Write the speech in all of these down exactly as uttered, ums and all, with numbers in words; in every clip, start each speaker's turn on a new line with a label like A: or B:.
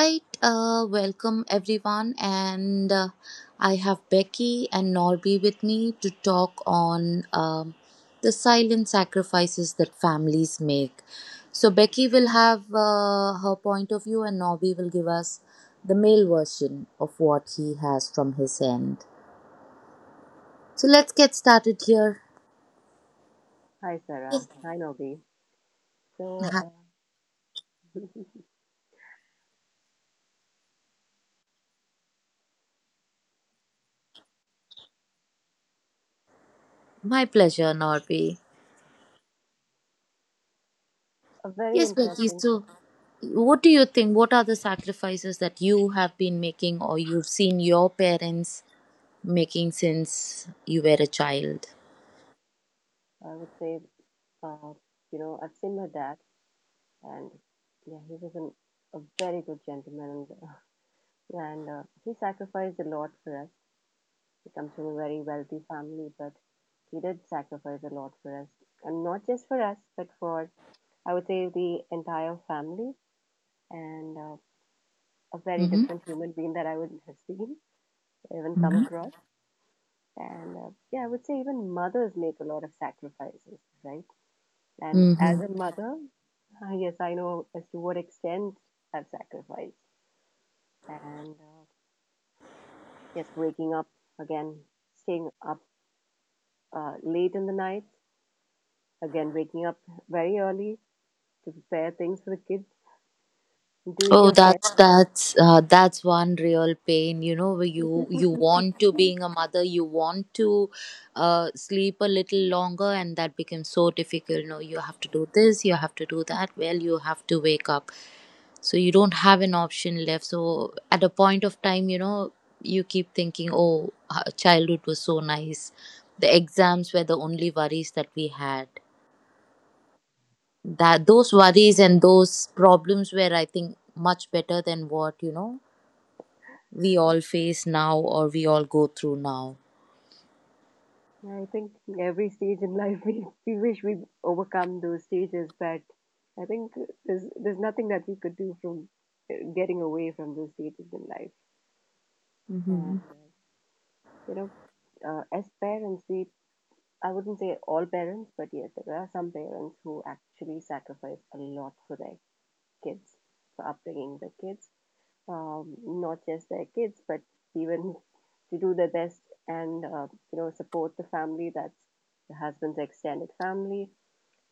A: right, uh, welcome everyone, and uh, I have Becky and Norby with me to talk on um, the silent sacrifices that families make. So, Becky will have uh, her point of view, and Norby will give us the male version of what he has from his end. So, let's get started here.
B: Hi, Sarah. Hi, Nobi. So,
A: Hi.
B: uh,
A: My pleasure, Norby.
B: a very
A: Yes, Becky.
B: interesting,
A: So, what do you think? What are the sacrifices that you have been making or you've seen your parents making since you were a child?
B: I would say, uh, you know, I've seen my dad, and yeah, he was an, a very good gentleman, and, and uh, he sacrificed a lot for us. He comes from a very wealthy family, but he did sacrifice a lot for us, and not just for us, but for, I would say, the entire family, and uh, a very
A: Mm-hmm.
B: different human being that I would have seen, even come
A: Mm-hmm.
B: across. And uh, yeah, I would say even mothers make a lot of sacrifices, right? And as
A: Mm-hmm.
B: a mother, uh, yes, I know as to what extent I've sacrificed. And uh, yes, waking up again, staying up uh, late in the night, again, waking up very early to prepare things for the kids, doing
A: Oh,
B: your best.
A: that's that's uh, that's one real pain. You know, where you you want to being a mother, you want to uh, sleep a little longer, and that becomes so difficult. No, you have to do this, you have to do that. Well, you have to wake up, so you don't have an option left. So at a point of time, you know, you keep thinking, "Oh, uh, childhood was so nice." The exams were the only worries that we had, that those worries and those problems were, I think, much better than what, you know, we all face now or we all go through now.
B: I think every stage in life, we, we wish we overcome those stages, but I think there's, there's nothing that we could do from uh, getting away from those stages in life.
A: Hmm.
B: And, uh, you know, uh, as parents, we, I wouldn't say all parents, but yes, there are some parents who actually sacrifice a lot for their kids, for upbringing the kids, um, not just their kids, but even to do their best and, uh, you know, support the family, that's the husband's extended family.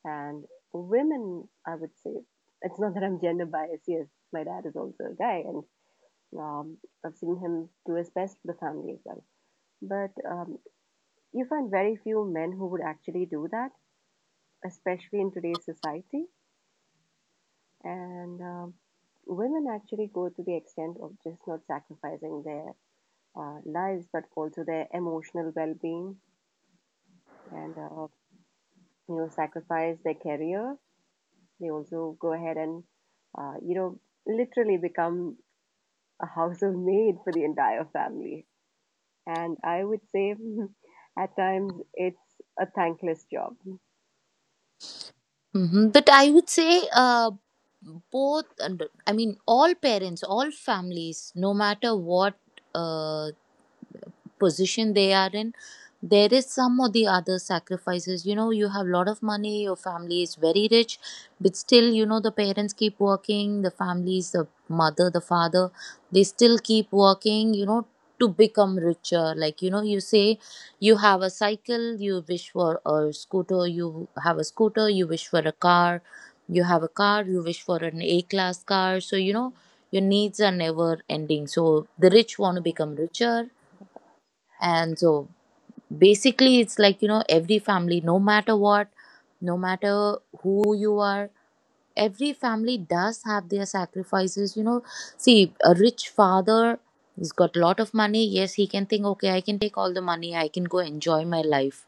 B: And women, I would say, it's not that I'm gender biased. Yes, my dad is also a guy, and um, I've seen him do his best for the family as well, but um, You find very few men who would actually do that, especially in today's society. And um, women actually go to the extent of just not sacrificing their uh, lives, but also their emotional well-being, and uh, you know sacrifice their career. They also go ahead and uh, you know literally become a household maid for the entire family. And I would say, at times, it's a thankless job.
A: Hmm. But I would say uh, both, and I mean, all parents, all families, no matter what. Uh, Position they are in, there is some or the other sacrifices. You know, you have a lot of money, your family is very rich, but still, you know, the parents keep working, the families, the mother, the father, they still keep working, you know, to become richer. Like, you know, you say you have a cycle, you wish for a scooter, you have a scooter, you wish for a car, you have a car, you wish for an a class car. So, you know, your needs are never ending, so the rich want to become richer. And so basically, it's like, you know, every family, no matter what, no matter who you are, every family does have their sacrifices. You know, see, a rich father, he's got a lot of money. Yes, he can think, okay, I can take all the money, I can go enjoy my life,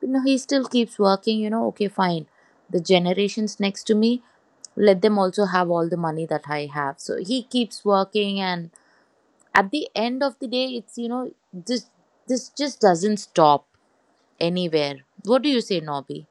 A: you know, he still keeps working. You know, okay, fine, the generations next to me, let them also have all the money that I have. So he keeps working, and at the end of the day, it's, you know, this this just doesn't stop anywhere. What do you say, Nobby?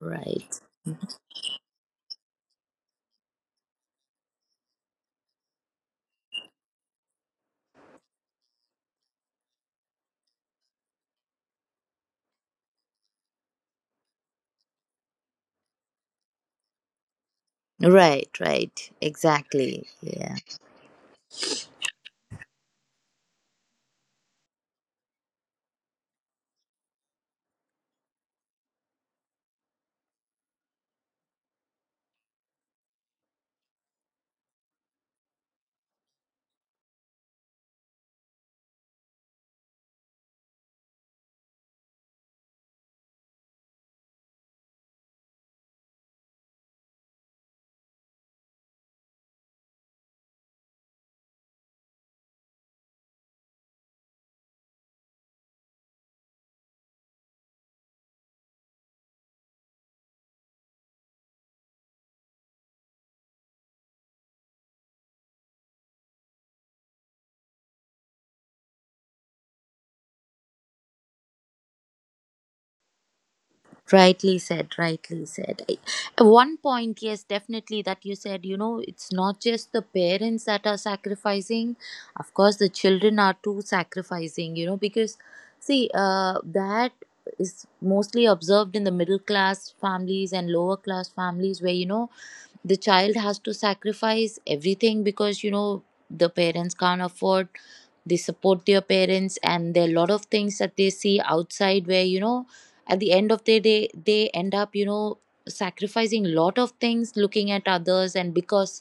A: Right. Right, right. Exactly. Yeah. Rightly said, rightly said. I- At one point, yes, definitely, that you said, you know, it's not just the parents that are sacrificing. Of course, the children are too sacrificing, you know, because see, uh, that is mostly observed in the middle class families and lower class families, where, you know, the child has to sacrifice everything, because you know the parents can't afford. They support their parents, and there are a lot of things that they see outside, where, you know, at the end of the day, they end up, you know, sacrificing a lot of things, looking at others and because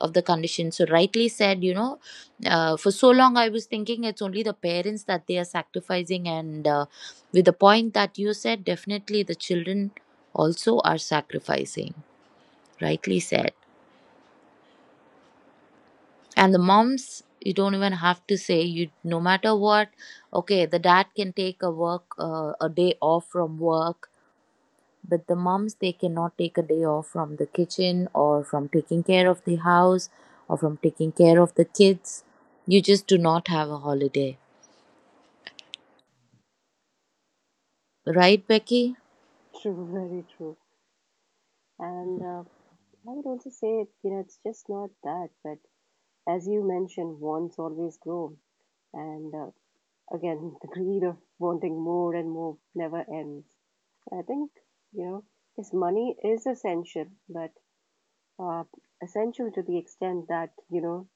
A: of the condition. So rightly said, you know. Uh, for so long I was thinking it's only the parents that they are sacrificing. And uh, with the point that you said, definitely the children also are sacrificing. Rightly said. And the moms, you don't even have to say. You, no matter what, okay, the dad can take a work uh, a day off from work, but the moms, they cannot take a day off from the kitchen or from taking care of the house or from taking care of the kids. You just do not have a holiday. Right, Becky?
B: True, very true. And uh, I would also say, you know, it's just not that, but as you mentioned, wants always grow. And uh, again, the greed of wanting more and more never ends. I think, you know, yes, money is essential, but uh, essential to the extent that, you know,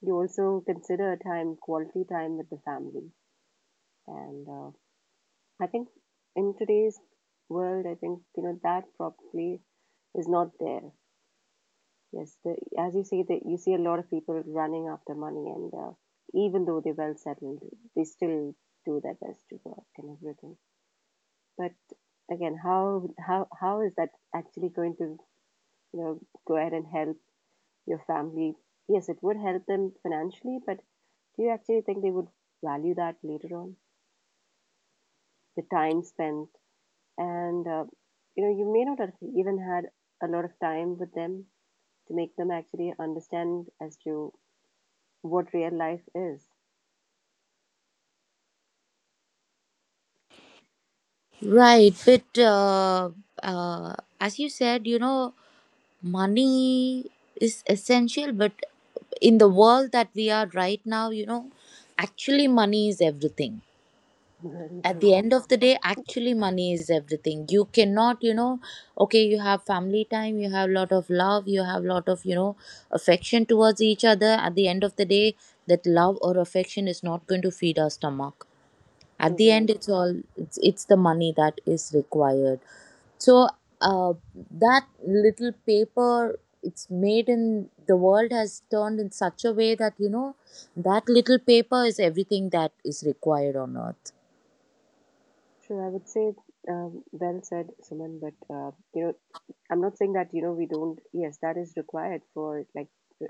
B: you also consider time, quality time with the family. And uh, I think in today's world, I think, you know, that probably is not there. Yes, the, as you say, that you see a lot of people running after money, and uh, even though they're well settled, they still do their best to work and everything. But again, how how how is that actually going to you know go ahead and help your family? Yes, it would help them financially, but do you actually think they would value that later on? The time spent, and uh, you know, you may not have even had a lot of time with them to make them actually understand as to what real life is.
A: Right. But uh, uh, as you said, you know, money is essential, but in the world that we are right now, you know, actually money is everything.
B: Very
A: At
B: true.
A: the end of the day, actually money is everything. You cannot, you know, okay, you have family time, you have a lot of love, you have a lot of, you know, affection towards each other. At the end of the day, that love or affection is not going to feed our stomach. At
B: True,
A: the
B: very
A: end, it's
B: true.
A: all it's, it's the money that is required. So uh, that little paper, it's made in the world, has turned in such a way that, you know, that little paper is everything that is required on earth.
B: So, I would say, um, well said, Suman, but, uh, you know, I'm not saying that, you know, we don't, yes, that is required for, like,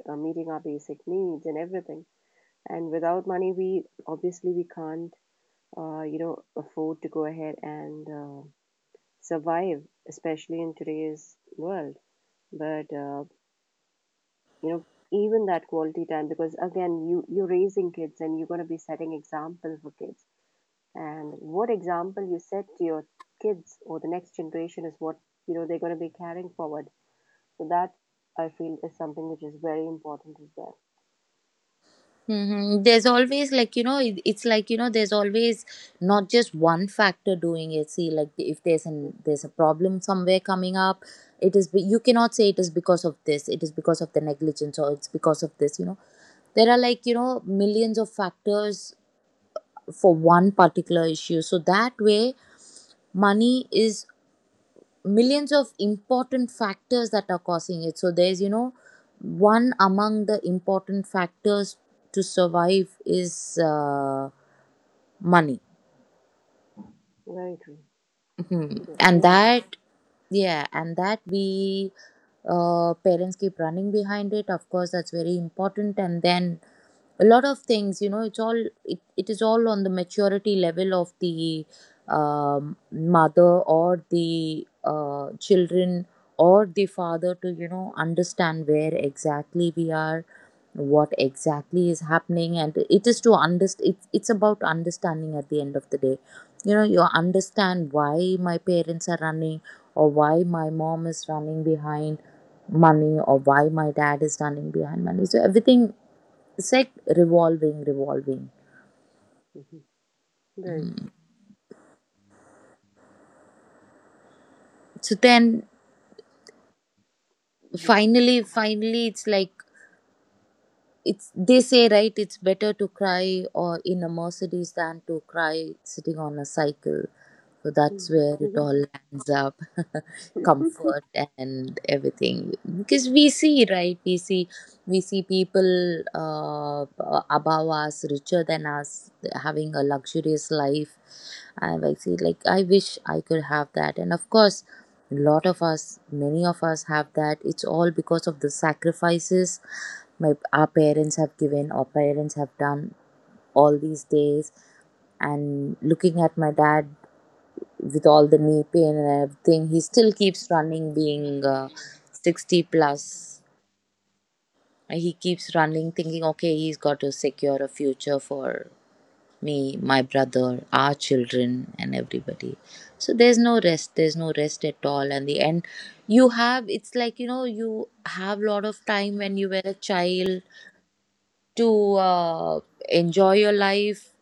B: uh, meeting our basic needs and everything. And without money, we obviously we can't, uh, you know, afford to go ahead and uh, survive, especially in today's world. But, uh, you know, even that quality time, because again, you, you're raising kids, and you're going to be setting example for kids, and what example you set to your kids or the next generation is what you know they're going to be carrying forward, so that, I feel, is something which is very important as well.
A: Mm-hmm. There's always, like, you know, it- it's like, you know, there's always not just one factor doing it. See, like, if there's an
B: True,
A: there's a problem somewhere coming up, it is be- you cannot say it is because of this, it is because of the negligence, or it's because of this. You know, there are, like, you know, millions of factors for one particular issue. So that way, money is millions of important factors that are causing it. So there's, you know, one among the important factors to survive is uh, money.
B: very true.
A: Mhm.
B: Yeah, it
A: And
B: is.
A: that, yeah, and that we, uh, parents keep running behind it. Of course, that's very important. And then a lot of things, you know, it's all it, it is all on the maturity level of the um, mother or the uh, children or the father to, you know, understand where exactly we are, what exactly is happening. And it is to understand, it's, it's about understanding. At the end of the day, you know, you understand why my parents are running or why my mom is running behind money or why my dad is running behind money. So everything is like revolving, revolving.
B: Mhm. Very
A: Mhm.
B: true.
A: So then finally, finally, it's like, it's, they say, right, it's better to cry or in a Mercedes than to cry sitting on a cycle. So that's where it all lands up. Comfort and everything. Because we see, right? We see, we see people, uh, above us, richer than us, having a luxurious life. And I see, like, I wish I could have that. And of course, a lot of us, many of us have that. It's all because of the sacrifices my our parents have given, our parents have done all these days. And looking at my dad with all the knee pain and everything, he still keeps running, being uh, sixty plus plus. He keeps running thinking, okay, he's got to secure a future for me, my brother, our children, and everybody. So there's no rest, there's no rest at all. And the end, you have, it's like, you know, you have a lot of time when you were a child to uh, enjoy your life,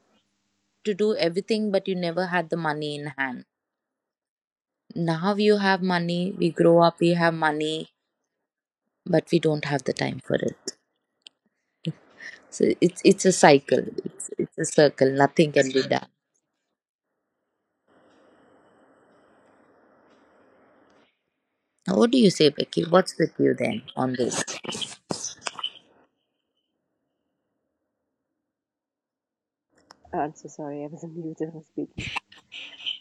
A: to do everything, but you never had the money in hand. Now you have money, we grow up, we have money, but we don't have the time for it. So it's it's a cycle. It's it's a circle. Nothing can be done. Now, what do you say, Becky? What's with you then on this?
B: I'm so sorry, I was on mute when I was speaking,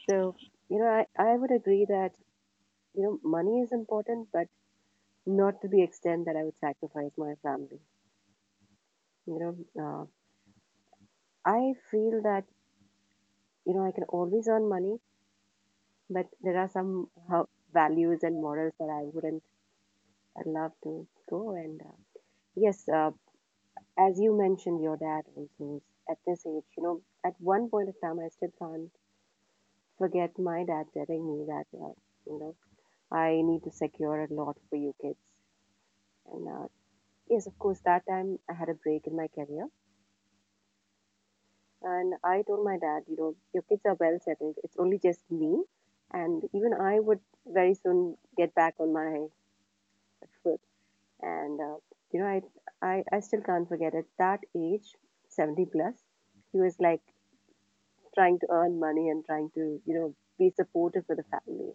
B: so you know I, I would agree that you know money is important, but not to the extent that I would sacrifice my family. you know uh, I feel that you know I can always earn money, but there are some uh, values and morals that I wouldn't. I'd love to go and, uh, yes, uh, as you mentioned, your dad also is at this age, you know at one point of time. I still can't forget my dad telling me that, uh, you know I need to secure a lot for you kids, and uh, yes, of course, that time I had a break in my career, and I told my dad, you know your kids are well settled, it's only just me, and even I would very soon get back on my, and uh, you know I, I i still can't forget. At that age, seventy plus, he was like trying to earn money, and trying to you know be supportive for the family,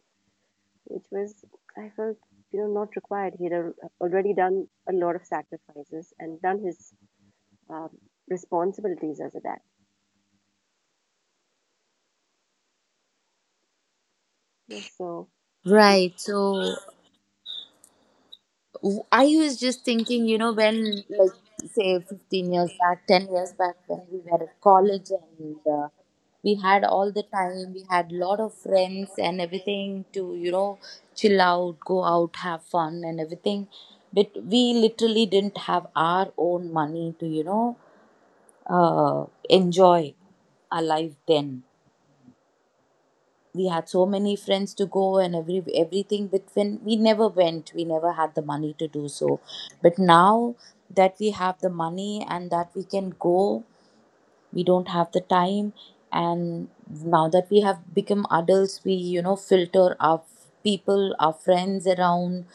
B: which was, I felt, you know not required. He had al- already done a lot of sacrifices and done his um, responsibilities as a dad. Yes, so people
A: Right. So w- I was just thinking, you know, when, like, say fifteen years back, ten years back, when we were at college, and uh, we had all the time, we had lot of friends and everything to, you know, chill out, go out, have fun and everything. But we literally didn't have our own money to, you know, uh, enjoy our life then. We had so many friends to go and every everything, but when we never went, we never had the money to do so. But now that we have the money and that we can go, we don't have the time. And now that we have become adults, we, you know, filter our f- people, our friends around.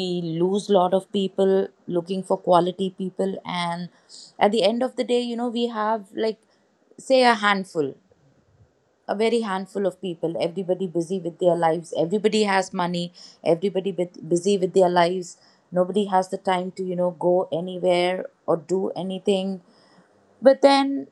A: We lose lot of people looking for quality people, and at the end of the day, you know, we have, like, say a handful, a very handful of people. Everybody busy with their lives, everybody has money, everybody bit- busy with their lives. Nobody has the time to you know go anywhere or do anything, but then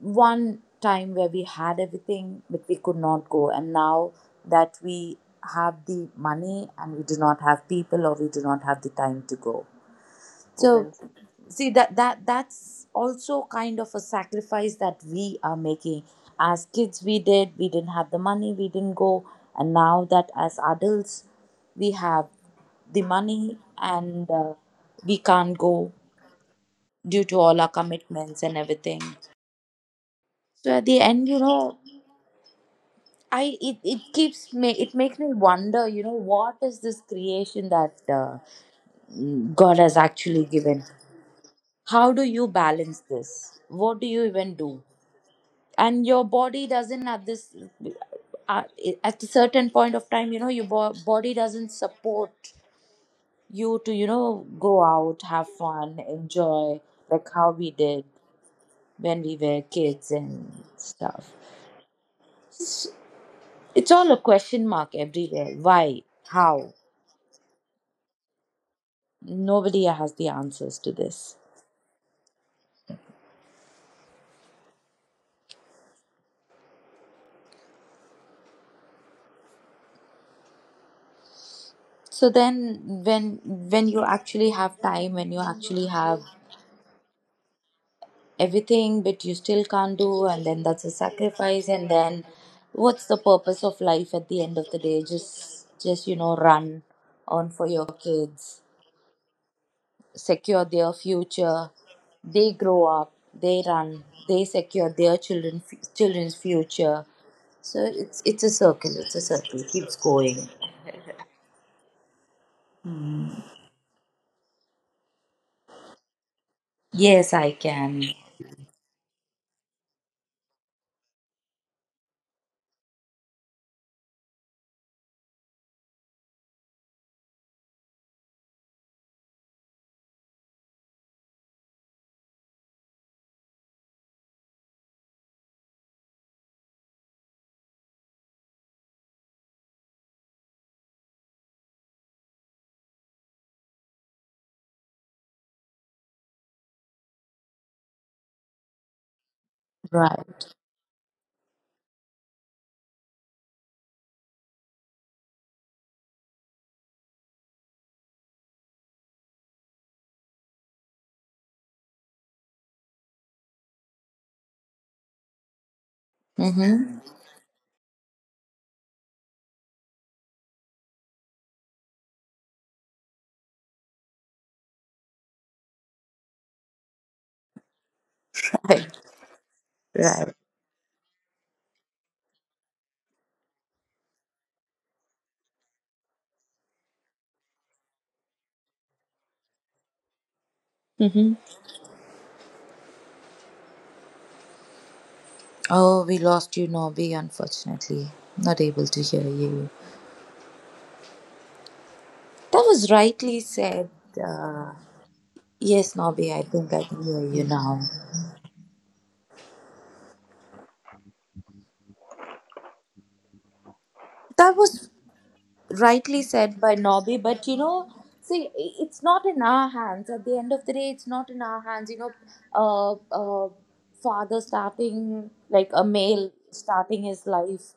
A: one time where we had everything, but we could not go. And now that we have the money and we do not have people, or we do not have the time to go. So
B: overwhelms.
A: see, that that that's also kind of a sacrifice that we are making. As kids, we did we didn't have the money, we didn't go, and now that, as adults, we have the money and uh, we can't go due to all our commitments and everything. So at the end, you know i it, it keeps me it makes me wonder, you know what is this creation that uh, God has actually given? How do you balance this? What do you even do? And your body doesn't, at this uh, at a certain point of time, you know your bo- body doesn't support you to you know go out, have fun, enjoy like how we did when we were kids and stuff. It's, it's all a question mark everywhere. Why, how? Nobody has the answers to this. So then, when when you actually have time, when you actually have everything, but you still can't do, and then that's a sacrifice. And then what's the purpose of life at the end of the day? Just just you know run on for your kids, secure their future. They grow up, they run, they secure their children children's future. So it's it's a circle. It's a circle. It keeps going. Yes, I can. Right. Mhm. Right, right. Mhm. Oh, we lost you, Nobby, unfortunately. Not able to hear you. That was rightly said. Uh, yes, Nobby, I think I can hear you now. That was rightly said by Nobby, but you know, see, i- it's not in our hands. At the end of the day, it's not in our hands. You know, uh, uh, father starting, like a male starting his life,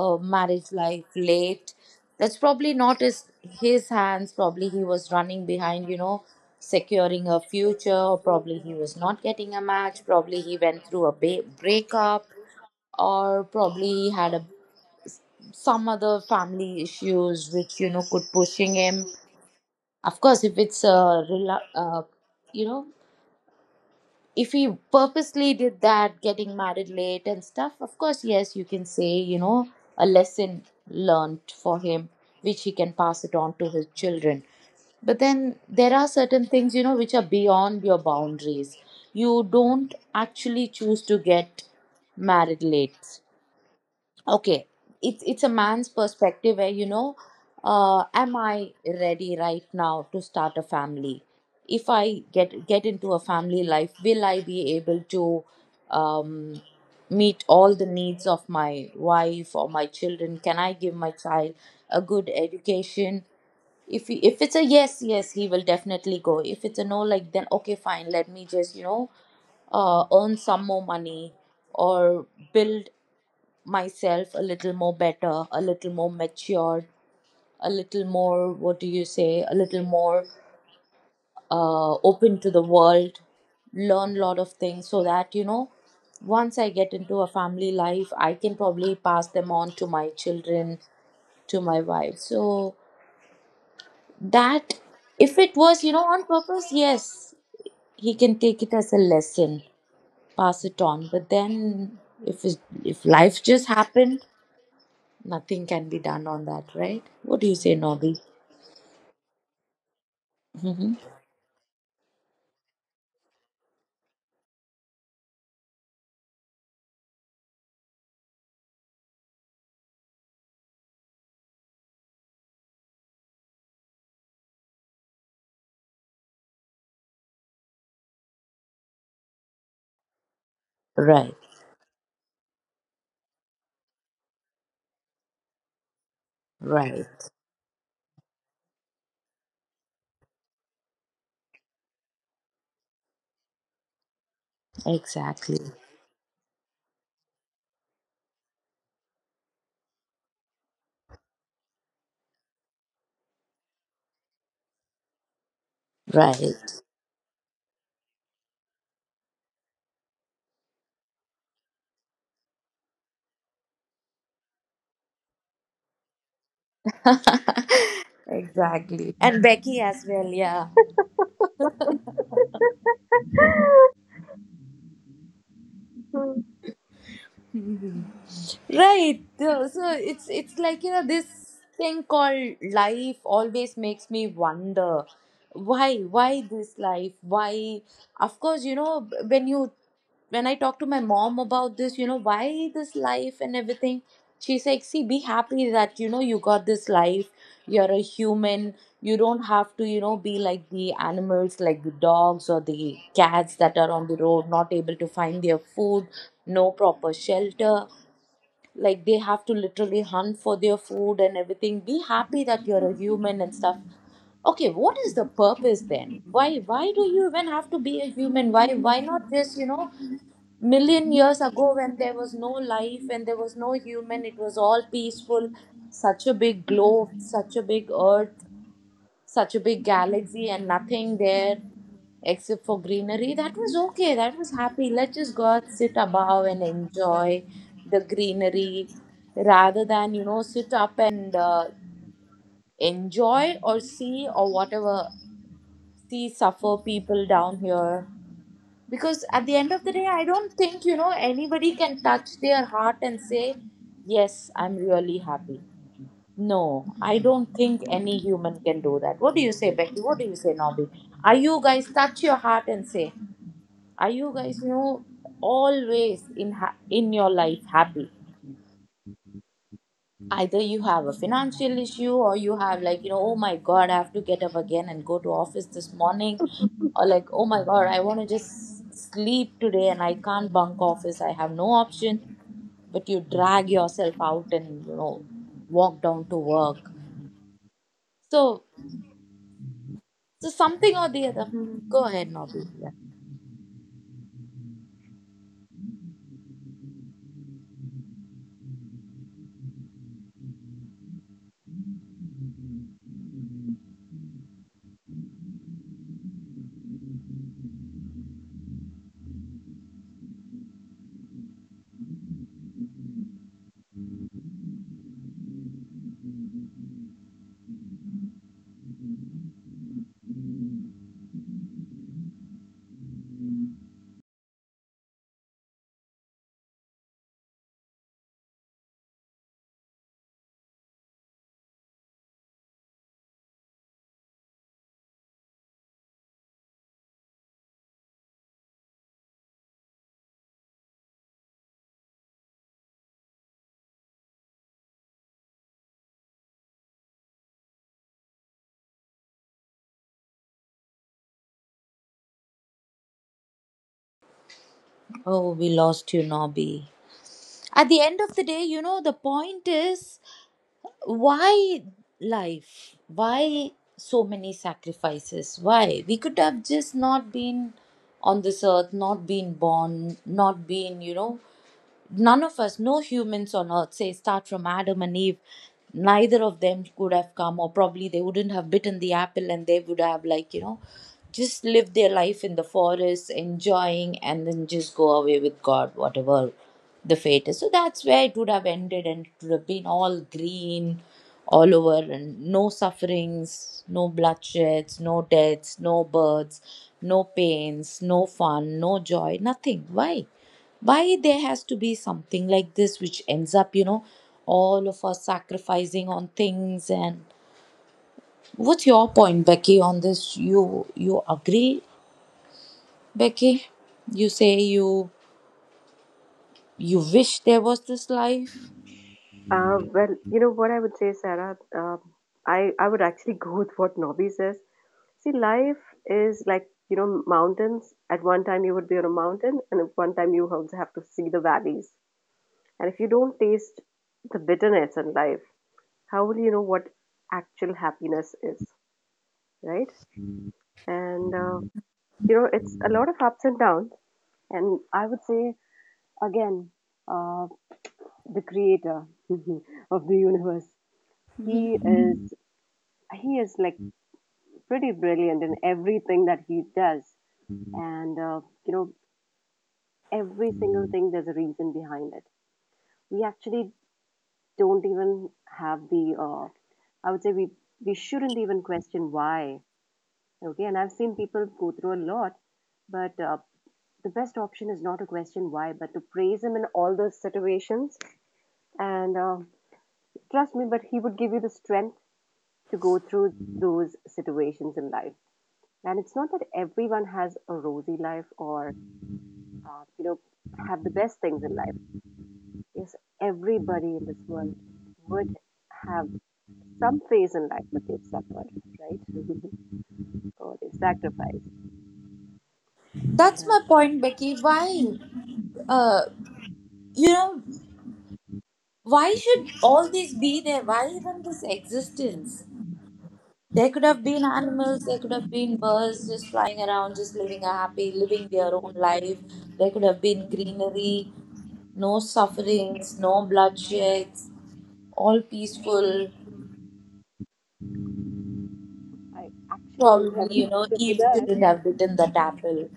A: uh, marriage life late. That's probably not his his hands. Probably he was running behind, you know, securing a future. Or probably he was not getting a match. Probably he went through a ba- breakup, or probably he had a some other family issues which, you know could pushing him. Of course, if it's a rela- uh, you know if he purposely did that, getting married late and stuff, of course, yes, you can say, you know, a lesson learnt for him, which he can pass it on to his children. But then there are certain things, you know, which are beyond your boundaries. You don't actually choose to get married late. Okay, it's it's a man's perspective where, you know, uh am I ready right now to start a family? If I get get into a family life, will I be able to um meet all the needs of my wife or my children? Can I give my child a good education? If he, if it's a yes, yes, he will definitely go. If it's a no, like, then okay, fine, let me just you know uh, earn some more money or build myself a little more better, a little more matured, a little more, what do you say, a little more uh, open to the world, learn lot of things so that, you know, once I get into a family life, I can probably pass them on to my children, to my wife. So that, if it was, you know, on purpose, yes, he can take it as a lesson, pass it on. But then if, it's- if life just happened, nothing can be done on that, right? What do you say, Nobby? Hmm. Right, right, exactly, right, exactly. And Becky as well, yeah.
B: Hmm.
A: Right. uh, So it's it's like, you know, this thing called life always makes me wonder. Why why this life? Why, of course, you know, when you when I talk to my mom about this, you know, why this life and everything, she's like, see, be happy that, you know, you got this life, you're a human. You don't have to, you know, be like the animals, like the dogs or the cats that are on the road, not able to find their food, no proper shelter, like they have to literally hunt for their food and everything. Be happy that you're a human and stuff. Okay, what is the purpose then? Why why do you even have to be a human? Why why not, just, you know, million years ago, when there was no life, when there was no human, it was all peaceful. Such a big globe, such a big earth, such a big galaxy, and nothing there except for greenery. That was okay. That was happy. Let's just go out, sit above and enjoy the greenery rather than, you know, sit up and uh, enjoy or see or whatever, see suffer people down here. Because at the end of the day, I don't think, you know, anybody can touch their heart and say, yes, I'm really happy. No, I don't think any human can do that. What do you say, Becky? What do you say, Nobby? Are you guys touch your heart and say, are you guys, you know, always in ha- in your life happy? Either you have a financial issue, or you have, like, you know, oh my God, I have to get up again and go to office this morning, or like, oh my God, I want to just sleep today and I can't bunk office. I have no option but you drag yourself out and, you know, walk down to work. So So something or the other. Hmm. Go ahead, Nobby. Yeah. Oh, we lost you, Nobby. At the end of the day, you know, the point is why life? Why so many sacrifices? Why? We could have just not been on this earth, not been born, not been, you know. None of us, no humans on earth, say start from Adam and Eve. Neither of them could have come, or probably they wouldn't have bitten the apple, and they would have, like, you know, just lived their life in the forest, enjoying, and then just go away with God, whatever the fate is. So that's where it would have ended, and it would have been all green, all over, and no sufferings, no bloodsheds, no deaths, no births, no pains, no fun, no joy, nothing. Why? Why there has to be something like this which ends up, you know, all of us sacrificing on things? And what's your point, Becky, on this? You you agree, Becky? You say you you wish there was this life?
B: Uh, well, you know what I would say, Sarah. Um I I would actually go with what Nobby says. See, life is like, you know, mountains. At one time you would be on a mountain, and at one time you also have to see the valleys. And if you don't taste the bitterness in life, how will you know what actual happiness is, right? And, uh, you know, it's a lot of ups and downs. And I would say, again, uh, the creator of the universe,
A: Mhm.
B: he is. He is like pretty brilliant in everything that he does, and uh, you know every single Mm. thing, there's a reason behind it. We actually don't even have the, uh, I would say, we we shouldn't even question why, okay? And I've seen people go through a lot, but uh, the best option is not to question why, but to praise him in all those situations. And uh, trust me, but he would give you the strength to go through Mm. those situations in life. And it's not that everyone has a rosy life or uh, you know have the best things in life, is, everybody in this world would have some phase in life that they've suffered, right? Or they've sacrificed. And
A: That's
B: uh,
A: my point, Becky. Why? Uh, you know, why should all this be there? Why even this existence? There could have been animals, there could have been birds just flying around, just living a happy, living their own life. There could have been greenery, no sufferings, no bloodsheds, all peaceful.
B: I actually don't have
A: Probably,
B: an
A: you know,
B: answer for
A: Eve
B: that.
A: shouldn't have bitten that apple.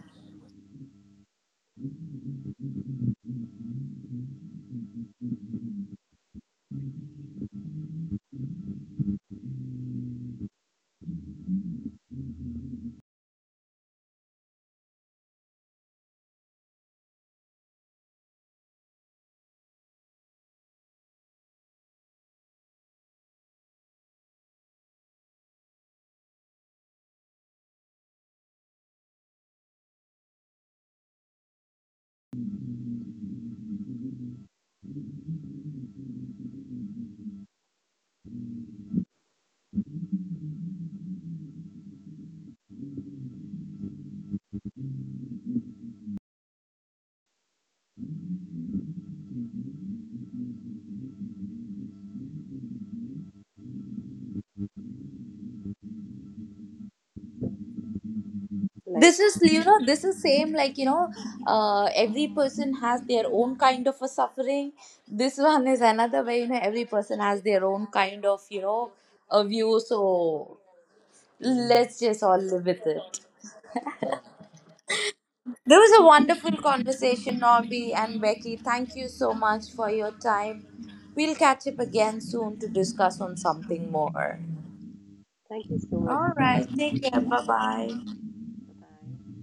B: Like,
A: This is, you know, this is same, like, you know, uh, every person has their own kind of a suffering. This one is another way, you know, every person has their own kind of, you know, a view. So let's just all live with it. There was a wonderful conversation, Norby and Becky. Thank you so much for your time. We'll catch up again soon to discuss on something more.
B: thank you so much,
A: All
B: Sarah.
A: right, take care. Bye bye.
B: Bye.